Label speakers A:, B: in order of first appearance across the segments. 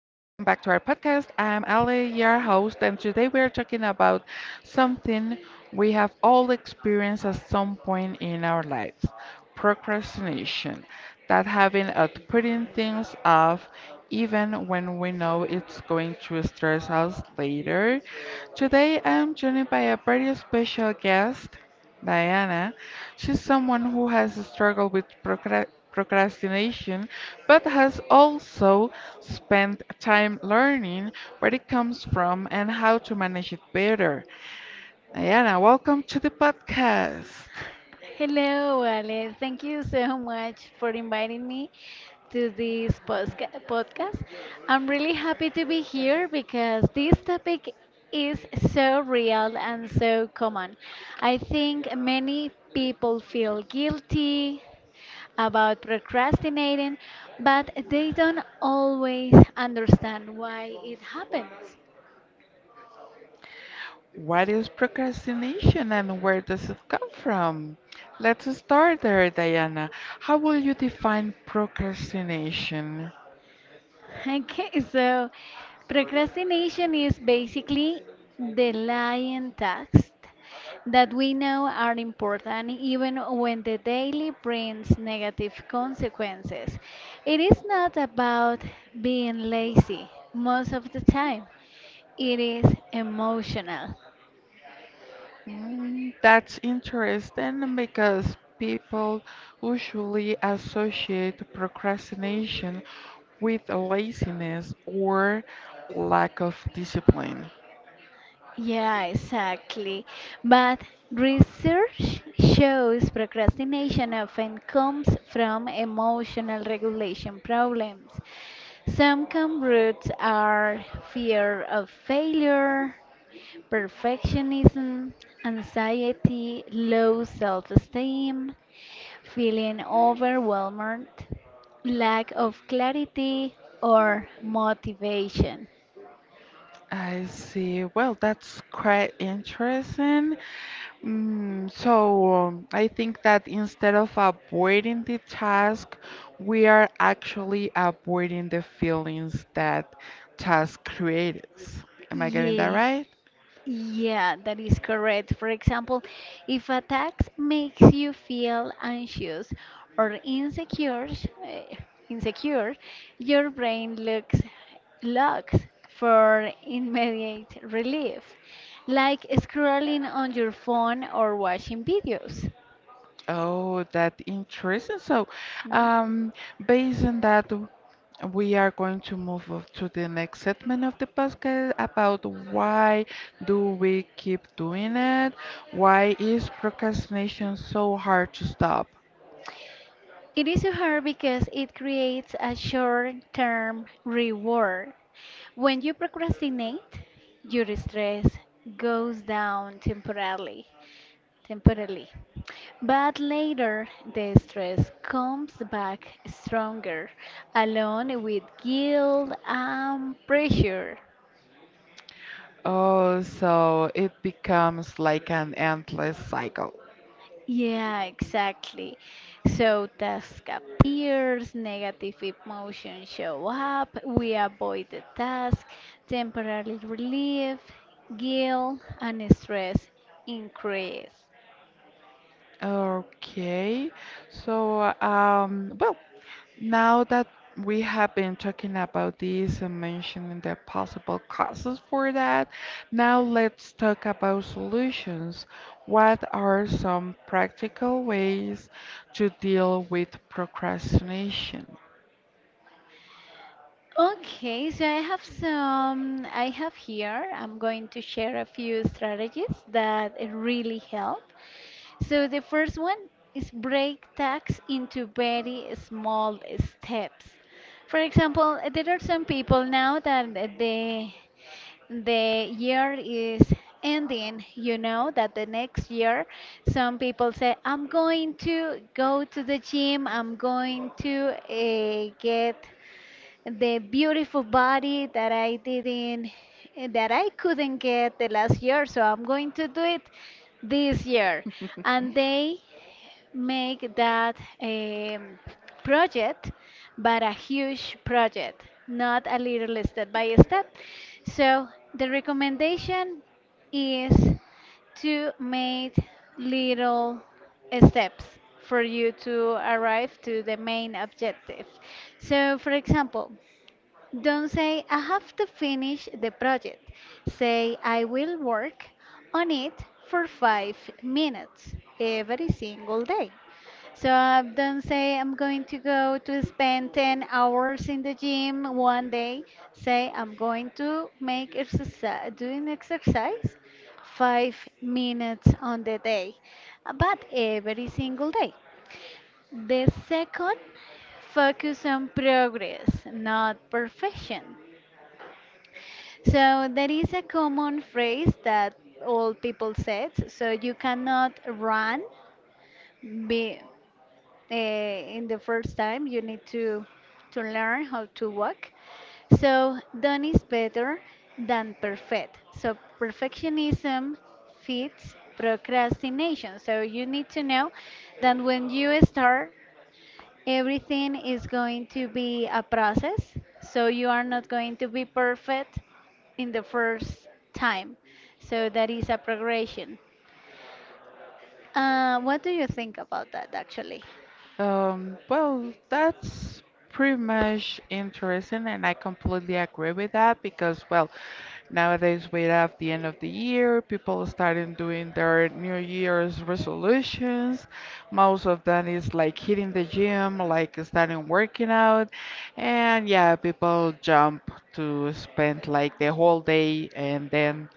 A: to our podcast. I'm Ali, your host, and today we are talking about something we have all experienced at some point in our lives, procrastination. That having of putting things off even when we know it's going to stress us later. Today, I'm joined by a very special guest. Diana. She's someone who has struggled with procrastination, but has also spent time learning where it comes from and how to manage it better. Diana, welcome to the podcast.
B: Hello, Ale. Thank you so much for inviting me to this podcast. I'm really happy to be here because this topic is so real and so common. I think many people feel guilty about procrastinating, but they don't always understand why it happens.
A: What is procrastination and where does it come from? Let's start there, Diana. How will you define procrastination?
B: Okay, so procrastination is basically the lying tasks that we know are important even when the daily brings negative consequences. It is not about being lazy most of the time, it is emotional.
A: Mm, that's interesting because people usually associate procrastination with laziness or lack of discipline.
B: Yeah, exactly. But research shows procrastination often comes from emotional regulation problems. Some common roots are fear of failure, perfectionism, anxiety, low self esteem, feeling overwhelmed, lack of clarity, or motivation.
A: I see. Well, that's quite interesting. I think that instead of avoiding the task, we are actually avoiding the feelings that task creates. Am I getting that
B: Yeah.
A: right?
B: Yeah, that is correct. For example, if a task makes you feel anxious or eh, insecure, your brain looks for immediate relief, like scrolling on your phone or watching videos.
A: Oh, that interesting.
B: Mm.
A: Um, based on that, we are going to move on to the next segment of the podcast about why do we keep doing it? Why is procrastination so hard to stop?
B: It is so hard because it creates a short-term reward. When you procrastinate, your stress goes down temporarily. But later, the stress comes back stronger, along with guilt and pressure.
A: Oh, so it becomes like an endless cycle.
B: Yeah, exactly. So task appears, negative emotions show up, we avoid the task, temporary relief, guilt, and stress increase.
A: Okay, so um, well, Now that we have been talking about this and mentioning the possible causes for that, now let's talk about solutions. What are some practical ways to deal with procrastination?
B: Okay, so I have some, I have here, I'm going to share a few strategies that really help. So the first one is break tasks into very small steps. For example, there are some people now that the year is ending, you know, that the next year some people say I'm going to go to the gym, I'm going to get the beautiful body that I didn't that I couldn't get the last year, so I'm going to do it this year. And they make that project, but a huge project, not a little step by step. So the recommendation is to make little steps for you to arrive to the main objective. So, for example, don't say, I have to finish the project. Say, I will work on it for 5 minutes every single day. So don't say, I'm going to go to spend 10 hours in the gym one day. Say, I'm going to make exercise, doing exercise 5 minutes on the day, but every single day. The second, focus on progress, not perfection. So there is a common phrase that all people said. So you cannot run be, in the first time. You need to learn how to walk. So done is better than perfect. So perfectionism feeds procrastination. So you need to know that when you start everything is going to be a process, so you are not going to be perfect in the first time. So that is a progression. What do you think about that actually?
A: Well, that's pretty much interesting, and I completely agree with that because, well, nowadays we have the end of the year, people starting doing their New Year's resolutions. Most of them is like hitting the gym, like starting working out, and yeah, people jump to spend like the whole day and then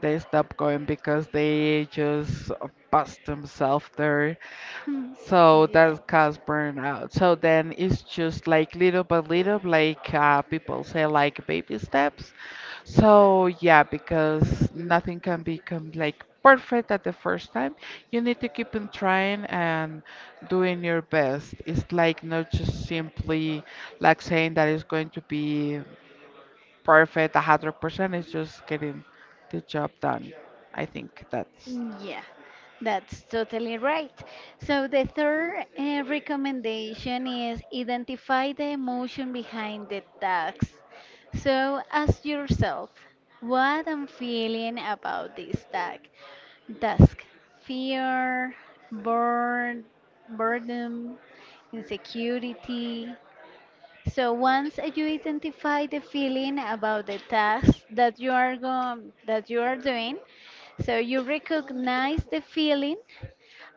A: they stopped going because they just bust themselves there.
B: Hmm,
A: So that caused burnout. So then it's just like little by little, like people say, like baby steps. So yeah, because
B: yeah.
A: nothing can become like perfect at the first time. You need to keep on trying and doing your best. It's like not just simply like saying that it's going to be perfect 100%. It's just getting the job done. I think that's.
B: Yeah, that's totally right. So the third recommendation is identify the emotion behind the task. So ask yourself, what I'm feeling about this task. Task, fear, burn, boredom, insecurity, so once you identify the feeling about the task that that you are doing, so you recognize the feeling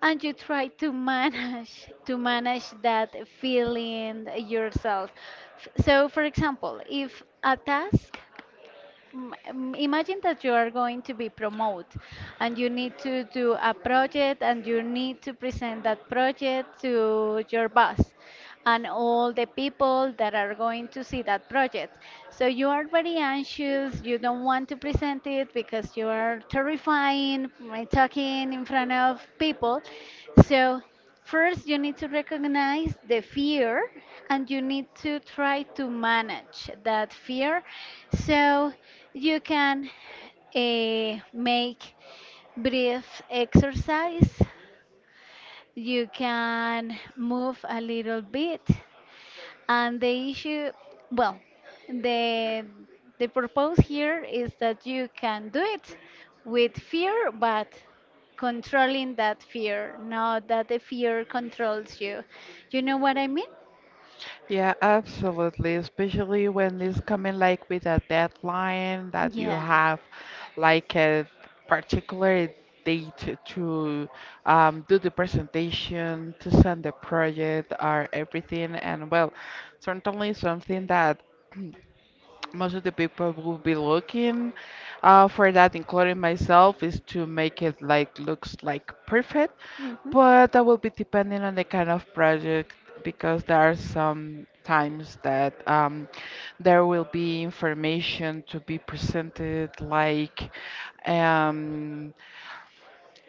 B: and you try to manage that feeling yourself. So for example, if a task imagine that you are going to be promoted and you need to do a project and you need to present that project to your boss and all the people that are going to see that project. So you are very anxious, you don't want to present it because you are terrifying, mm, talking in front of people. So first, you need to recognize the fear and you need to try to manage that fear so you can make brief exercise. You can move a little bit and the issue, well, the the purpose here is that you can do it with fear, but controlling that fear, not that the fear controls you. You know what I mean?
A: Yeah, absolutely. Especially when it's coming like with a deadline that you
B: Yeah.
A: have like a particular date to do the presentation, to send the project or everything. And well, certainly something that most of the people will be looking for that, including myself, is to make it like looks like perfect.
B: Mhm.
A: But that will be depending on the kind of project because there are some times that there will be information to be presented like um,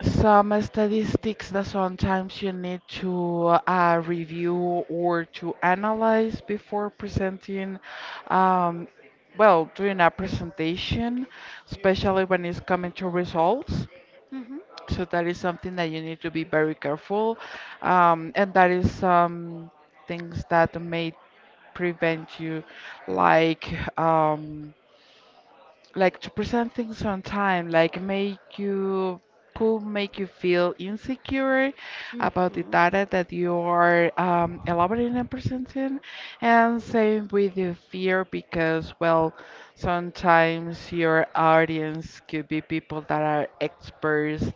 A: some statistics that sometimes you need to review or to analyze before presenting, um, well, doing a presentation, especially when it's coming to results.
B: Mhm.
A: So that is something that you need to be very careful, and that is some things that may prevent you, like. Um, like to present things on time, like make you could make you feel insecure about the
B: Mhm.
A: data that you are elaborating and presenting, and same with the fear because well, sometimes your audience could be people that are experts,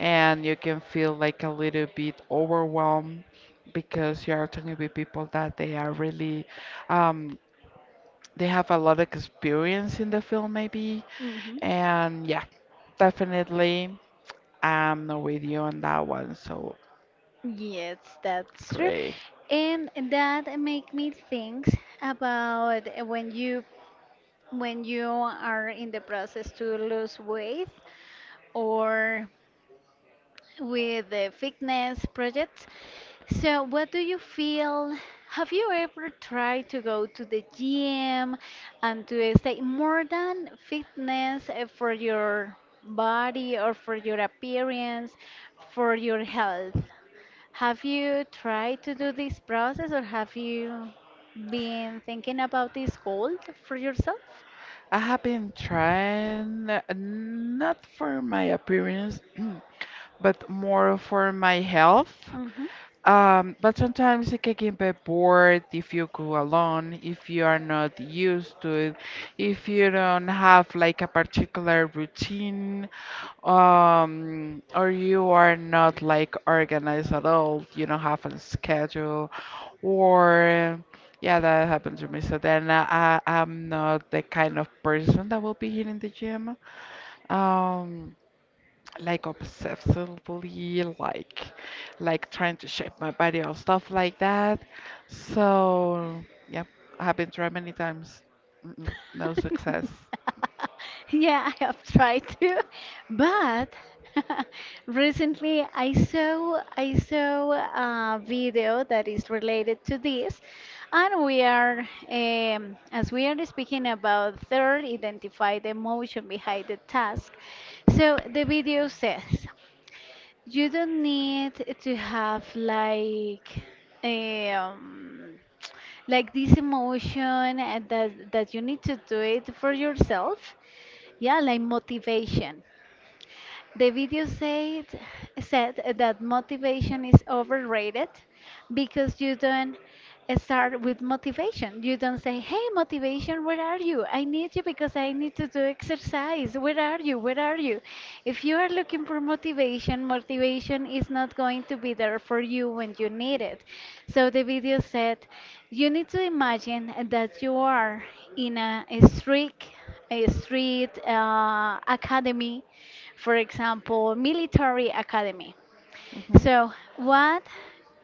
A: and you can feel like a little bit overwhelmed because you are talking with people that they are really um, they have a lot of experience in the field maybe
B: Mhm.
A: and yeah, definitely I'm not with you on that one so
B: Yes, that's true.
A: great.
B: And that make me think about when you are in the process to lose weight or with the fitness projects. So, what do you feel? Have you ever tried to go to the gym and to stay more than fitness for your body or for your appearance, for your health? Have you tried to do this process or have you been thinking about this goal for yourself?
A: I have been trying not for my appearance but more for my health.
B: Mm-hmm.
A: But sometimes it can get a bit bored if you go alone, if you are not used to it, if you don't have like a particular routine, or you are not like organized at all, you don't have a schedule, or yeah, that happened to me. So then I'm not the kind of person that will be here in the gym. Um, like obsessively like trying to shape my body or stuff like that, so yeah, I have been tried many times. Mm-mm, no success.
B: Yeah, I have tried to, but recently I saw a video that is related to this, and we are as we are speaking about third, identify the emotion behind the task. So the video says. You don't need to have um like this emotion and that you need to do it for yourself. Yeah, like motivation. The video said that motivation is overrated because you don't start with motivation. You don't say, "Hey, motivation, where are you? I need you because I need to do exercise. Where are you? Where are you?" If you are looking for motivation, motivation is not going to be there for you when you need it. So the video said, "You need to imagine that you are in a street academy," for example, military academy. So, what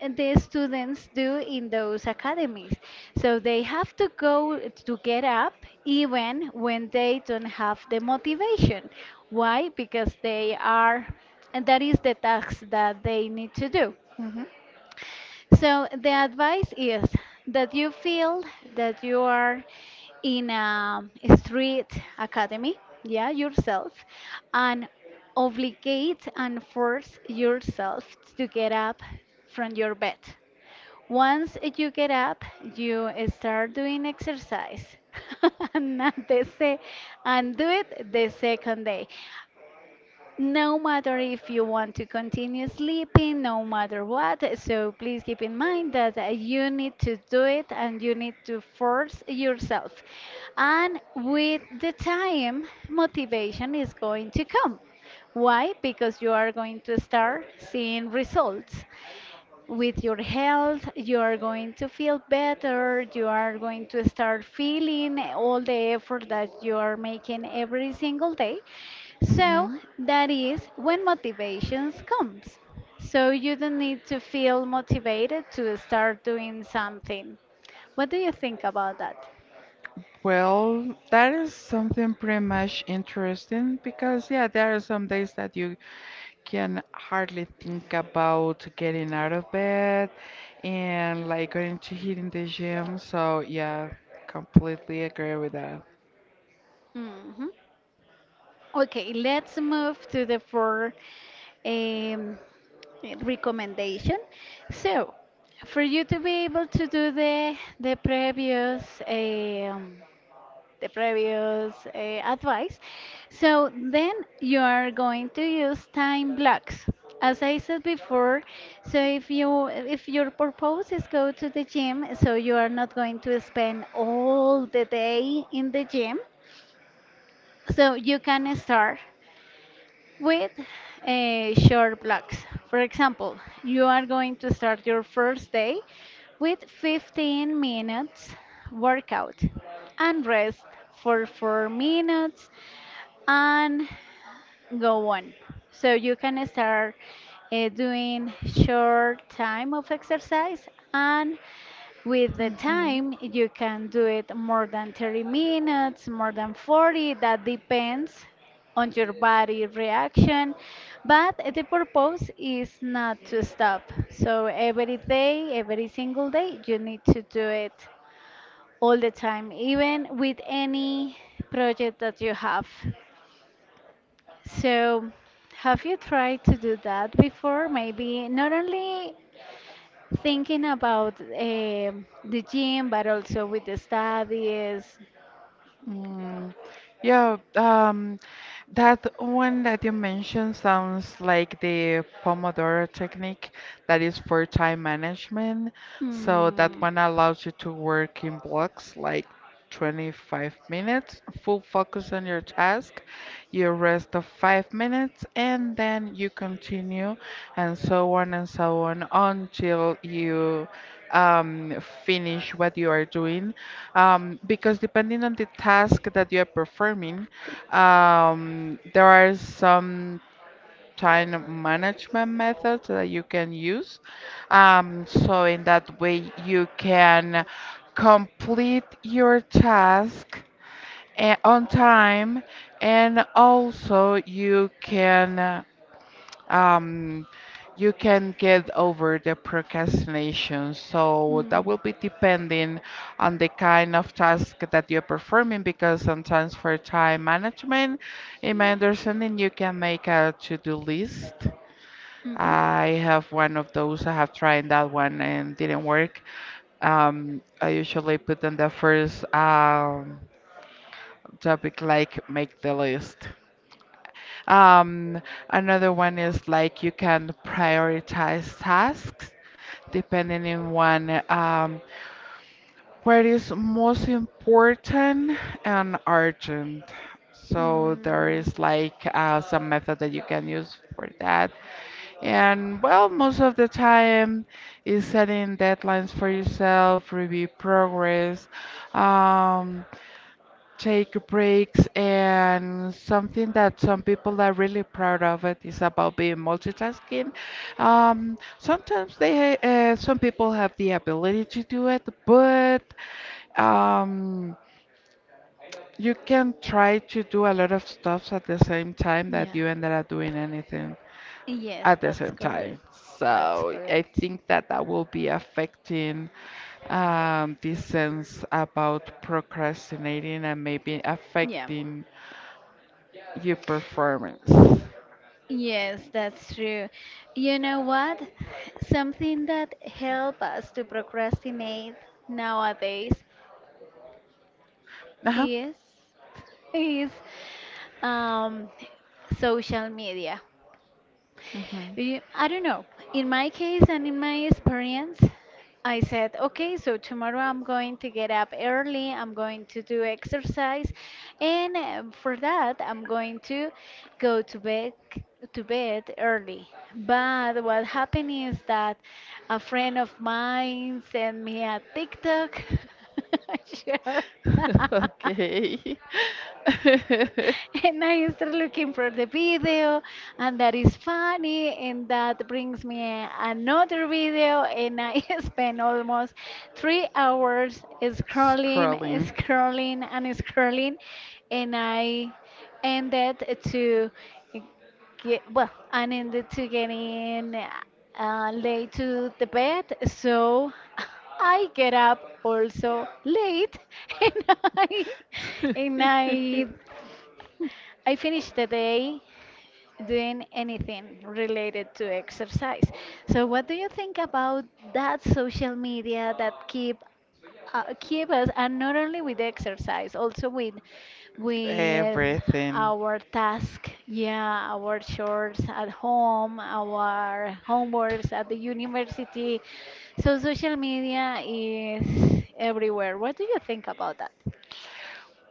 B: the students do in those academies? So, they have to go to get up even when they don't have the motivation. Why? Because they are, and that is the task that they need to do. So the advice is that you feel that you are in a street academy, yeah, yourself, and obligate and force yourself to get up from your bed. Once you get up, you start doing exercise. and, not the se- and do it the second day no matter if you want to continue sleeping, no matter what. So please keep in mind that you need to do it and you need to force yourself. And with the time, motivation is going to come. Why? Because you are going to start seeing results with your health, you are going to feel better, you are going to start feeling all the effort that you are making every single day. So
A: Hmm.
B: that is when motivations comes. So you don't need to feel motivated to start doing something. What do you think about that?
A: Well, that is something pretty much interesting because, yeah, there are some days that you can hardly think about getting out of bed and like going to hitting the gym. So, yeah, completely agree with that.
B: Hmm. Okay, let's move to the fourth um, recommendation. So, for you to be able to do the previous advice, so then you are going to use time blocks. As I said before, so if your purpose is go to the gym, so you are not going to spend all the day in the gym. So you can start with short blocks. For example, you are going to start your first day with 15 minutes workout and rest for 4 minutes and go on. So you can start doing short time of exercise and with the
A: Mm-hmm.
B: time you can do it more than 30 minutes, more than 40, that depends on your body reaction, but the purpose is not to stop. So every day, every single day you need to do it all the time, even with any project that you have. So, have you tried to do that before? Maybe not only thinking about the gym, but also with the studies.
A: Mm, yeah, um, that one that you mentioned sounds like the Pomodoro technique that is for time management. So that
B: Mm,
A: one allows you to work in blocks like 25 minutes, full focus on your task, you rest of 5 minutes, and then you continue, and so on until you um, finish what you are doing, because depending on the task that you are performing, there are some time management methods that you can use. So in that way, you can complete your task on time and also um, you can get over the procrastination. So
B: mm,
A: that will be depending on the kind of task that you're performing because sometimes for time management, in my understanding, you can make a to-do list.
B: mhm,
A: I have one of those. I have tried that one and didn't work. I usually put on the first topic like make the list. Um, Another one is like you can prioritize tasks depending on one, what is most important and urgent. So there
B: mm,
A: is like uh, some method that you can use for that. And well, most of the time is setting deadlines for yourself, review progress, um, take breaks, and something that some people are really proud of it is about being multitasking. Sometimes they some people have the ability to do it, but um, you can try to do a lot of stuffs at the same time that
B: yeah.
A: you ended up doing anything
B: Yes,
A: at the
B: that's
A: same time.
B: correct. That's
A: So I
B: correct.
A: think that that will be affecting this sense about procrastinating and maybe
B: Yeah.
A: affecting your performance.
B: Yes, that's true. You know what? Something that help us to procrastinate nowadays.
A: Uh-huh.
B: Yes, is um, social media.
A: Mhm.
B: I don't know. In my case and in my experience, I said, okay, so tomorrow I'm going to get up early, I'm going to do exercise, and for that, I'm going to go to bed early. But what happened is that a friend of mine sent me a TikTok. Sure.
A: Okay.
B: And I start looking for the video, and that is funny, and that brings me another video, and I spend almost 3 hours scrolling,
A: Scrolling.
B: scrolling, and scrolling, and ended to I ended to getting late to the bed, so I get up also late, and I and I I finish the day doing anything related to exercise. So what do you think about that social media that keep keep us and not only with exercise, also with
A: Everything.
B: our task, yeah, our chores at home, our homeworks at the university. So social media is everywhere. What do you think about that?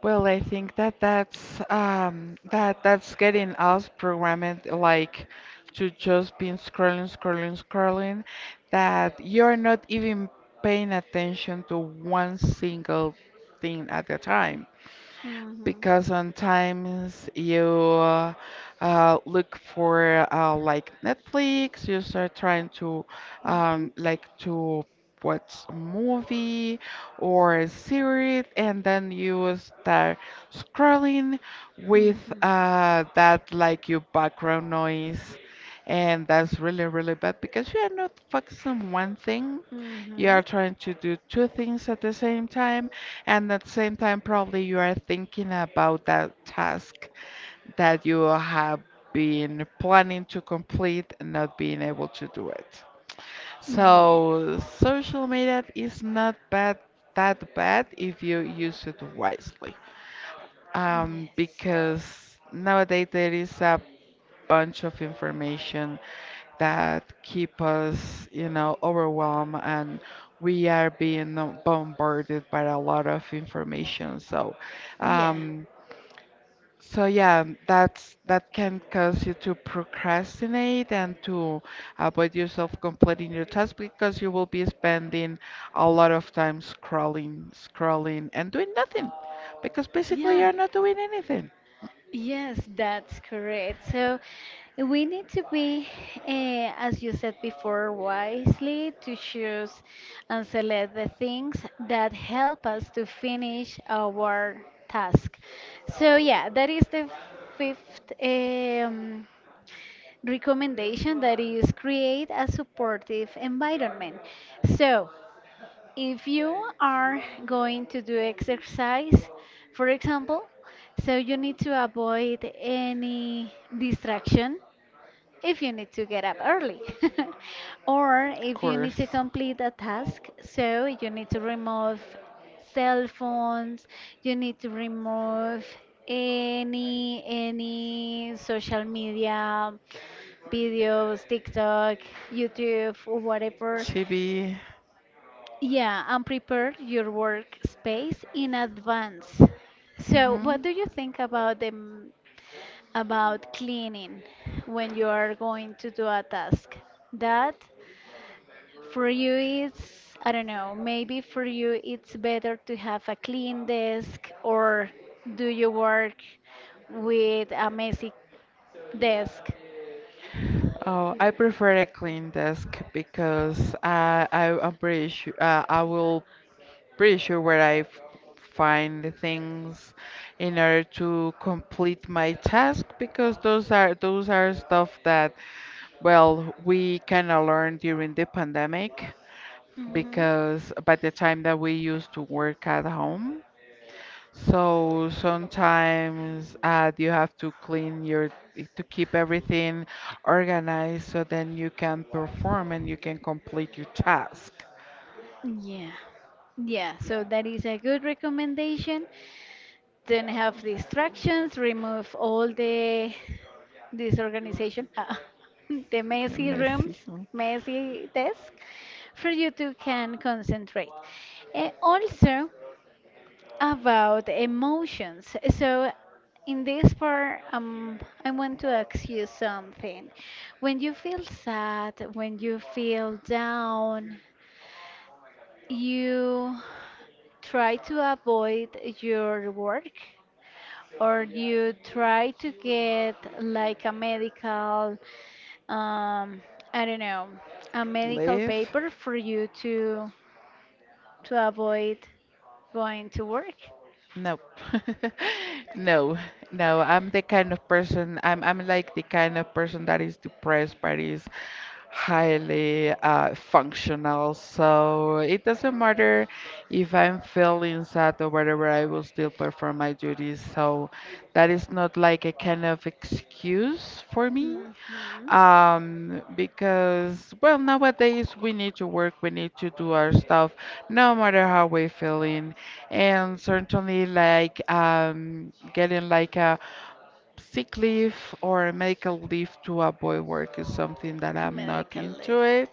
A: Well, I think that that's getting us programmed like to just be scrolling, scrolling, scrolling, that you're not even paying attention to one single thing at a time
B: Hmm.
A: because sometimes you look for like Netflix, you start trying to
B: Mhm.
A: like to watch a movie or a series, and then you start scrolling with
B: Mhm.
A: uh, that like your background noise, and that's really really bad because you are not focused on one thing, you
B: Mhm.
A: are trying to do two things at the same time, and at the same time, probably you are thinking about that task that you have been planning to complete and not being able to do it. So, social media is not bad that bad if you use it wisely.
B: Yes.
A: Because nowadays there is a bunch of information that keep us, you know, overwhelmed and we are being bombarded by a lot of information. So,
B: Yes. Yeah.
A: um, so yeah, that's that can cause you to procrastinate and to avoid yourself completing your task because you will be spending a lot of time scrolling, scrolling, and doing nothing because basically
B: Yeah.
A: you're not doing anything.
B: Yes, that's correct. So we need to be, as you said before, wisely to choose and select the things that help us to finish our task. So, yeah, that is the fifth recommendation that is create a supportive environment. So, if you are going to do exercise, for example, so you need to avoid any distraction if you need to get up early or
A: Of
B: if you need
A: course.
B: to complete a task, so you need to remove cell phones, you need to remove any social media videos, TikTok, YouTube, or whatever.
A: Chibi.
B: Yeah, and prepare your workspace in advance. So, what
A: Hmm.
B: do you think about them about cleaning when you are going to do a task? That for you is, I don't know, maybe for you it's better to have a clean desk or do you work with a messy desk?
A: Oh, I prefer a clean desk because I'm pretty sure I will pretty sure where I find the things in order to complete my task because those are stuff that well we kind of learned during the pandemic
B: Hmm.
A: because by the time that we used to work at home, so sometimes you have to clean your, to keep everything organized so then you can perform and you can complete your task.
B: Yeah. Yeah, so that is a good recommendation. Don't have distractions, remove all the disorganization, ah, the messy
A: Messy
B: rooms,
A: huh?
B: messy desk for you to can concentrate. Also about emotions. So in this part, I want to ask you something. When you feel sad, when you feel down, you try to avoid your work or you try to get like a medical um, I don't know, a medical
A: Live.
B: paper for you to avoid going to work.
A: No. No, no. I'm the kind of person, I'm like the kind of person that is depressed but is highly functional. So it doesn't matter if I'm feeling sad or whatever, I will still perform my duties. So that is not like a kind of excuse for me.
B: Hmm.
A: Because, well, nowadays we need to work, we need to do our stuff, no matter how we're feeling, and certainly like getting like a sick leave or a medical leave to avoid work is something that I'm not
B: Medical
A: into it,
B: lift.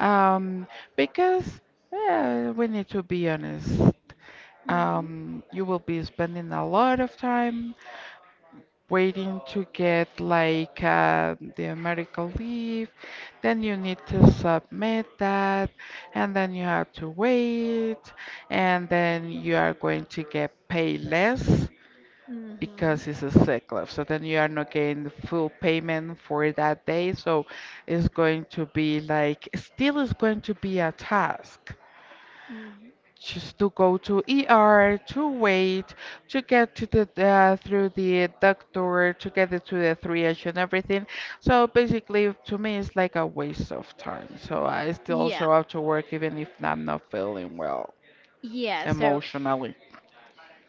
A: um, because we need to be honest.
B: Hmm.
A: You will be spending a lot of time waiting to get like the medical leave. Then you need to submit that, and then you have to wait, and then you are going to get paid less
B: Mm-hmm.
A: because it's a sick leave. So then you are not getting the full payment for that day. So it's going to be like, still is going to be a task
B: Hmm.
A: just to go to ER, to wait, to get to the through the doctor, to get it to the triage and everything. So basically, to me, it's like a waste of time. So I still
B: Yeah.
A: show up to work even if I'm not feeling well
B: Yeah. So,
A: emotionally.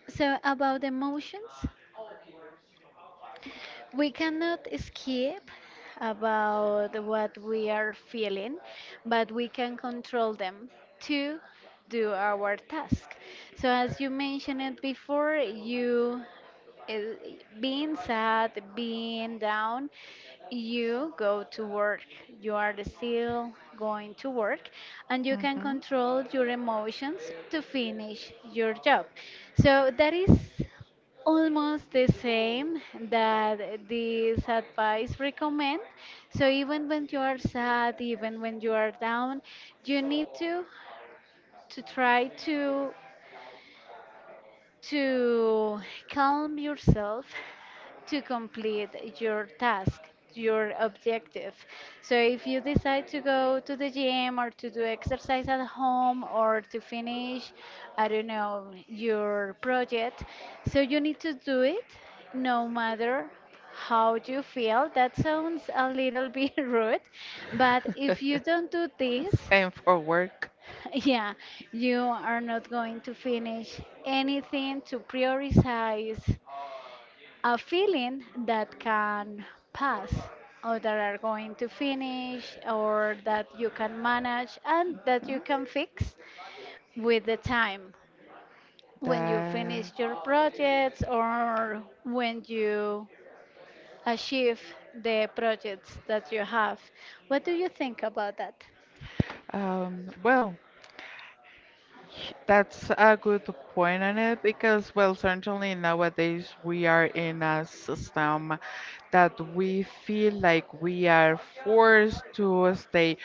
B: so about emotions, we cannot skip about what we are feeling, but we can control them to do our task. So, as you mentioned it before, you uh, being sad, being down, you go to work. You are still going to work and you can
A: Hmm.
B: control your emotions to finish your job. So that is almost the same that this advice recommend. So even when you are sad, even when you are down, you need to to calm yourself to complete your task, your objective. So if you decide to go to the gym or to do exercise at home or to finish, I don't know, your project, so you need to do it no matter how you feel. That sounds a little bit rude, but if you don't do this,
A: Same for work.
B: yeah, you are not going to finish anything to prioritize a feeling that can pass or that are going to finish or that you can manage and that you can fix with the time when you finish
A: That
B: your projects or when you achieve the projects that you have. What do you think about that?
A: um well that's a good point on it because, well, certainly nowadays we are in a system that we feel like we are forced to stay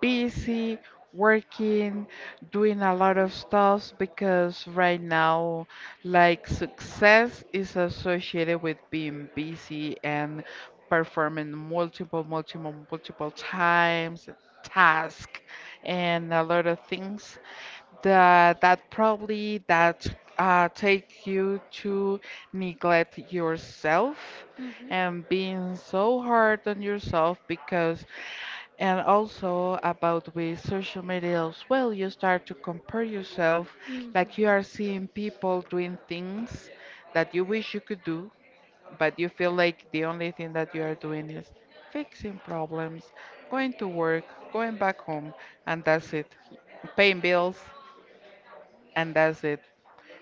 A: busy, working, doing a lot of stuff because right now, like, success is associated with being busy and performing multiple, multiple, multiple times task and a lot of things that that probably that take you to neglect yourself
B: Hmm.
A: and being so hard on yourself, because and also about with social media as well, you start to compare yourself
B: Hmm.
A: like you are seeing people doing things that you wish you could do but you feel like the only thing that you are doing is fixing problems, going to work, going back home, and that's it, paying bills, and that's it.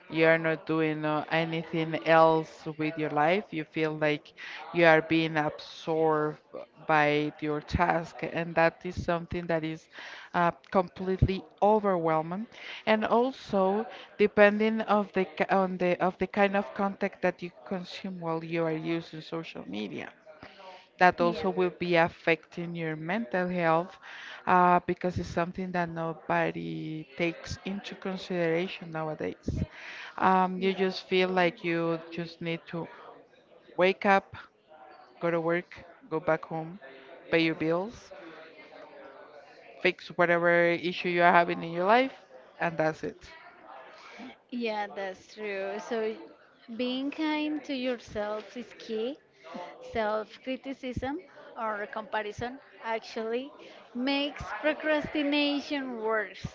A: You are not doing anything else with your life. You feel like you are being absorbed by your task, and that is something that is completely overwhelming. And also, depending on the kind of content that you consume while you are using social media, that
B: Yeah.
A: also will be
B: Yeah.
A: affecting your mental health, because it's something that nobody takes into consideration nowadays. You just feel like you just need to wake up, go to work, go back home, pay your bills, fix whatever issue you are having in your life, and that's it.
B: Yeah, that's true. So being kind to yourself is key. Self criticism or comparison actually makes procrastination worse.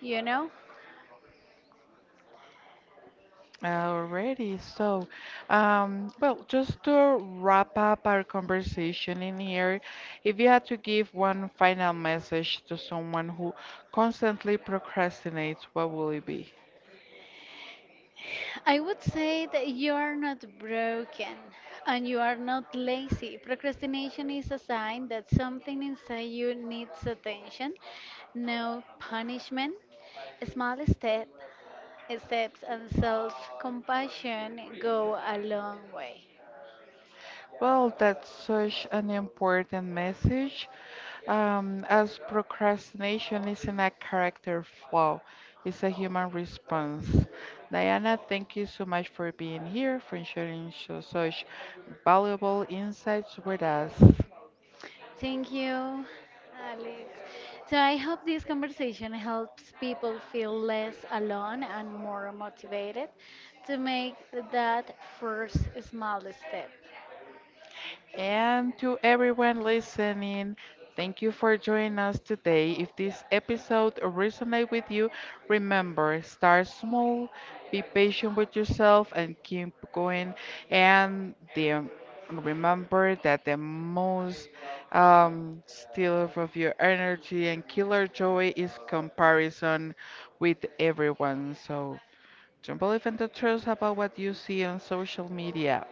B: You know,
A: Alrighty, so, well, just to wrap up our conversation in here, if you had to give one final message to someone who constantly procrastinates, what will it be?
B: I would say that you are not broken and you are not lazy. Procrastination is a sign that something inside you needs attention. No punishment, small step, steps, and self compassion go a long way.
A: Well, that's such an important message, as procrastination isn't a character flaw, it's a human response. Diana, thank you so much for being here, for sharing so, such valuable insights with us.
B: Thank you, Alex. So I hope this conversation helps people feel less alone and more motivated to make that first small step.
A: And to everyone listening, thank you for joining us today. If this episode resonates with you, remember start small, be patient with yourself, and keep going. And the, remember that the most stealer of your energy and killer joy is comparison with everyone. So don't believe in the truth about what you see on social media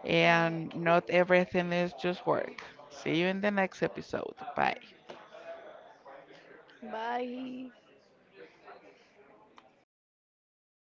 B: Okay.
A: and not everything is just work. See you in the next episode. Bye.
B: Bye.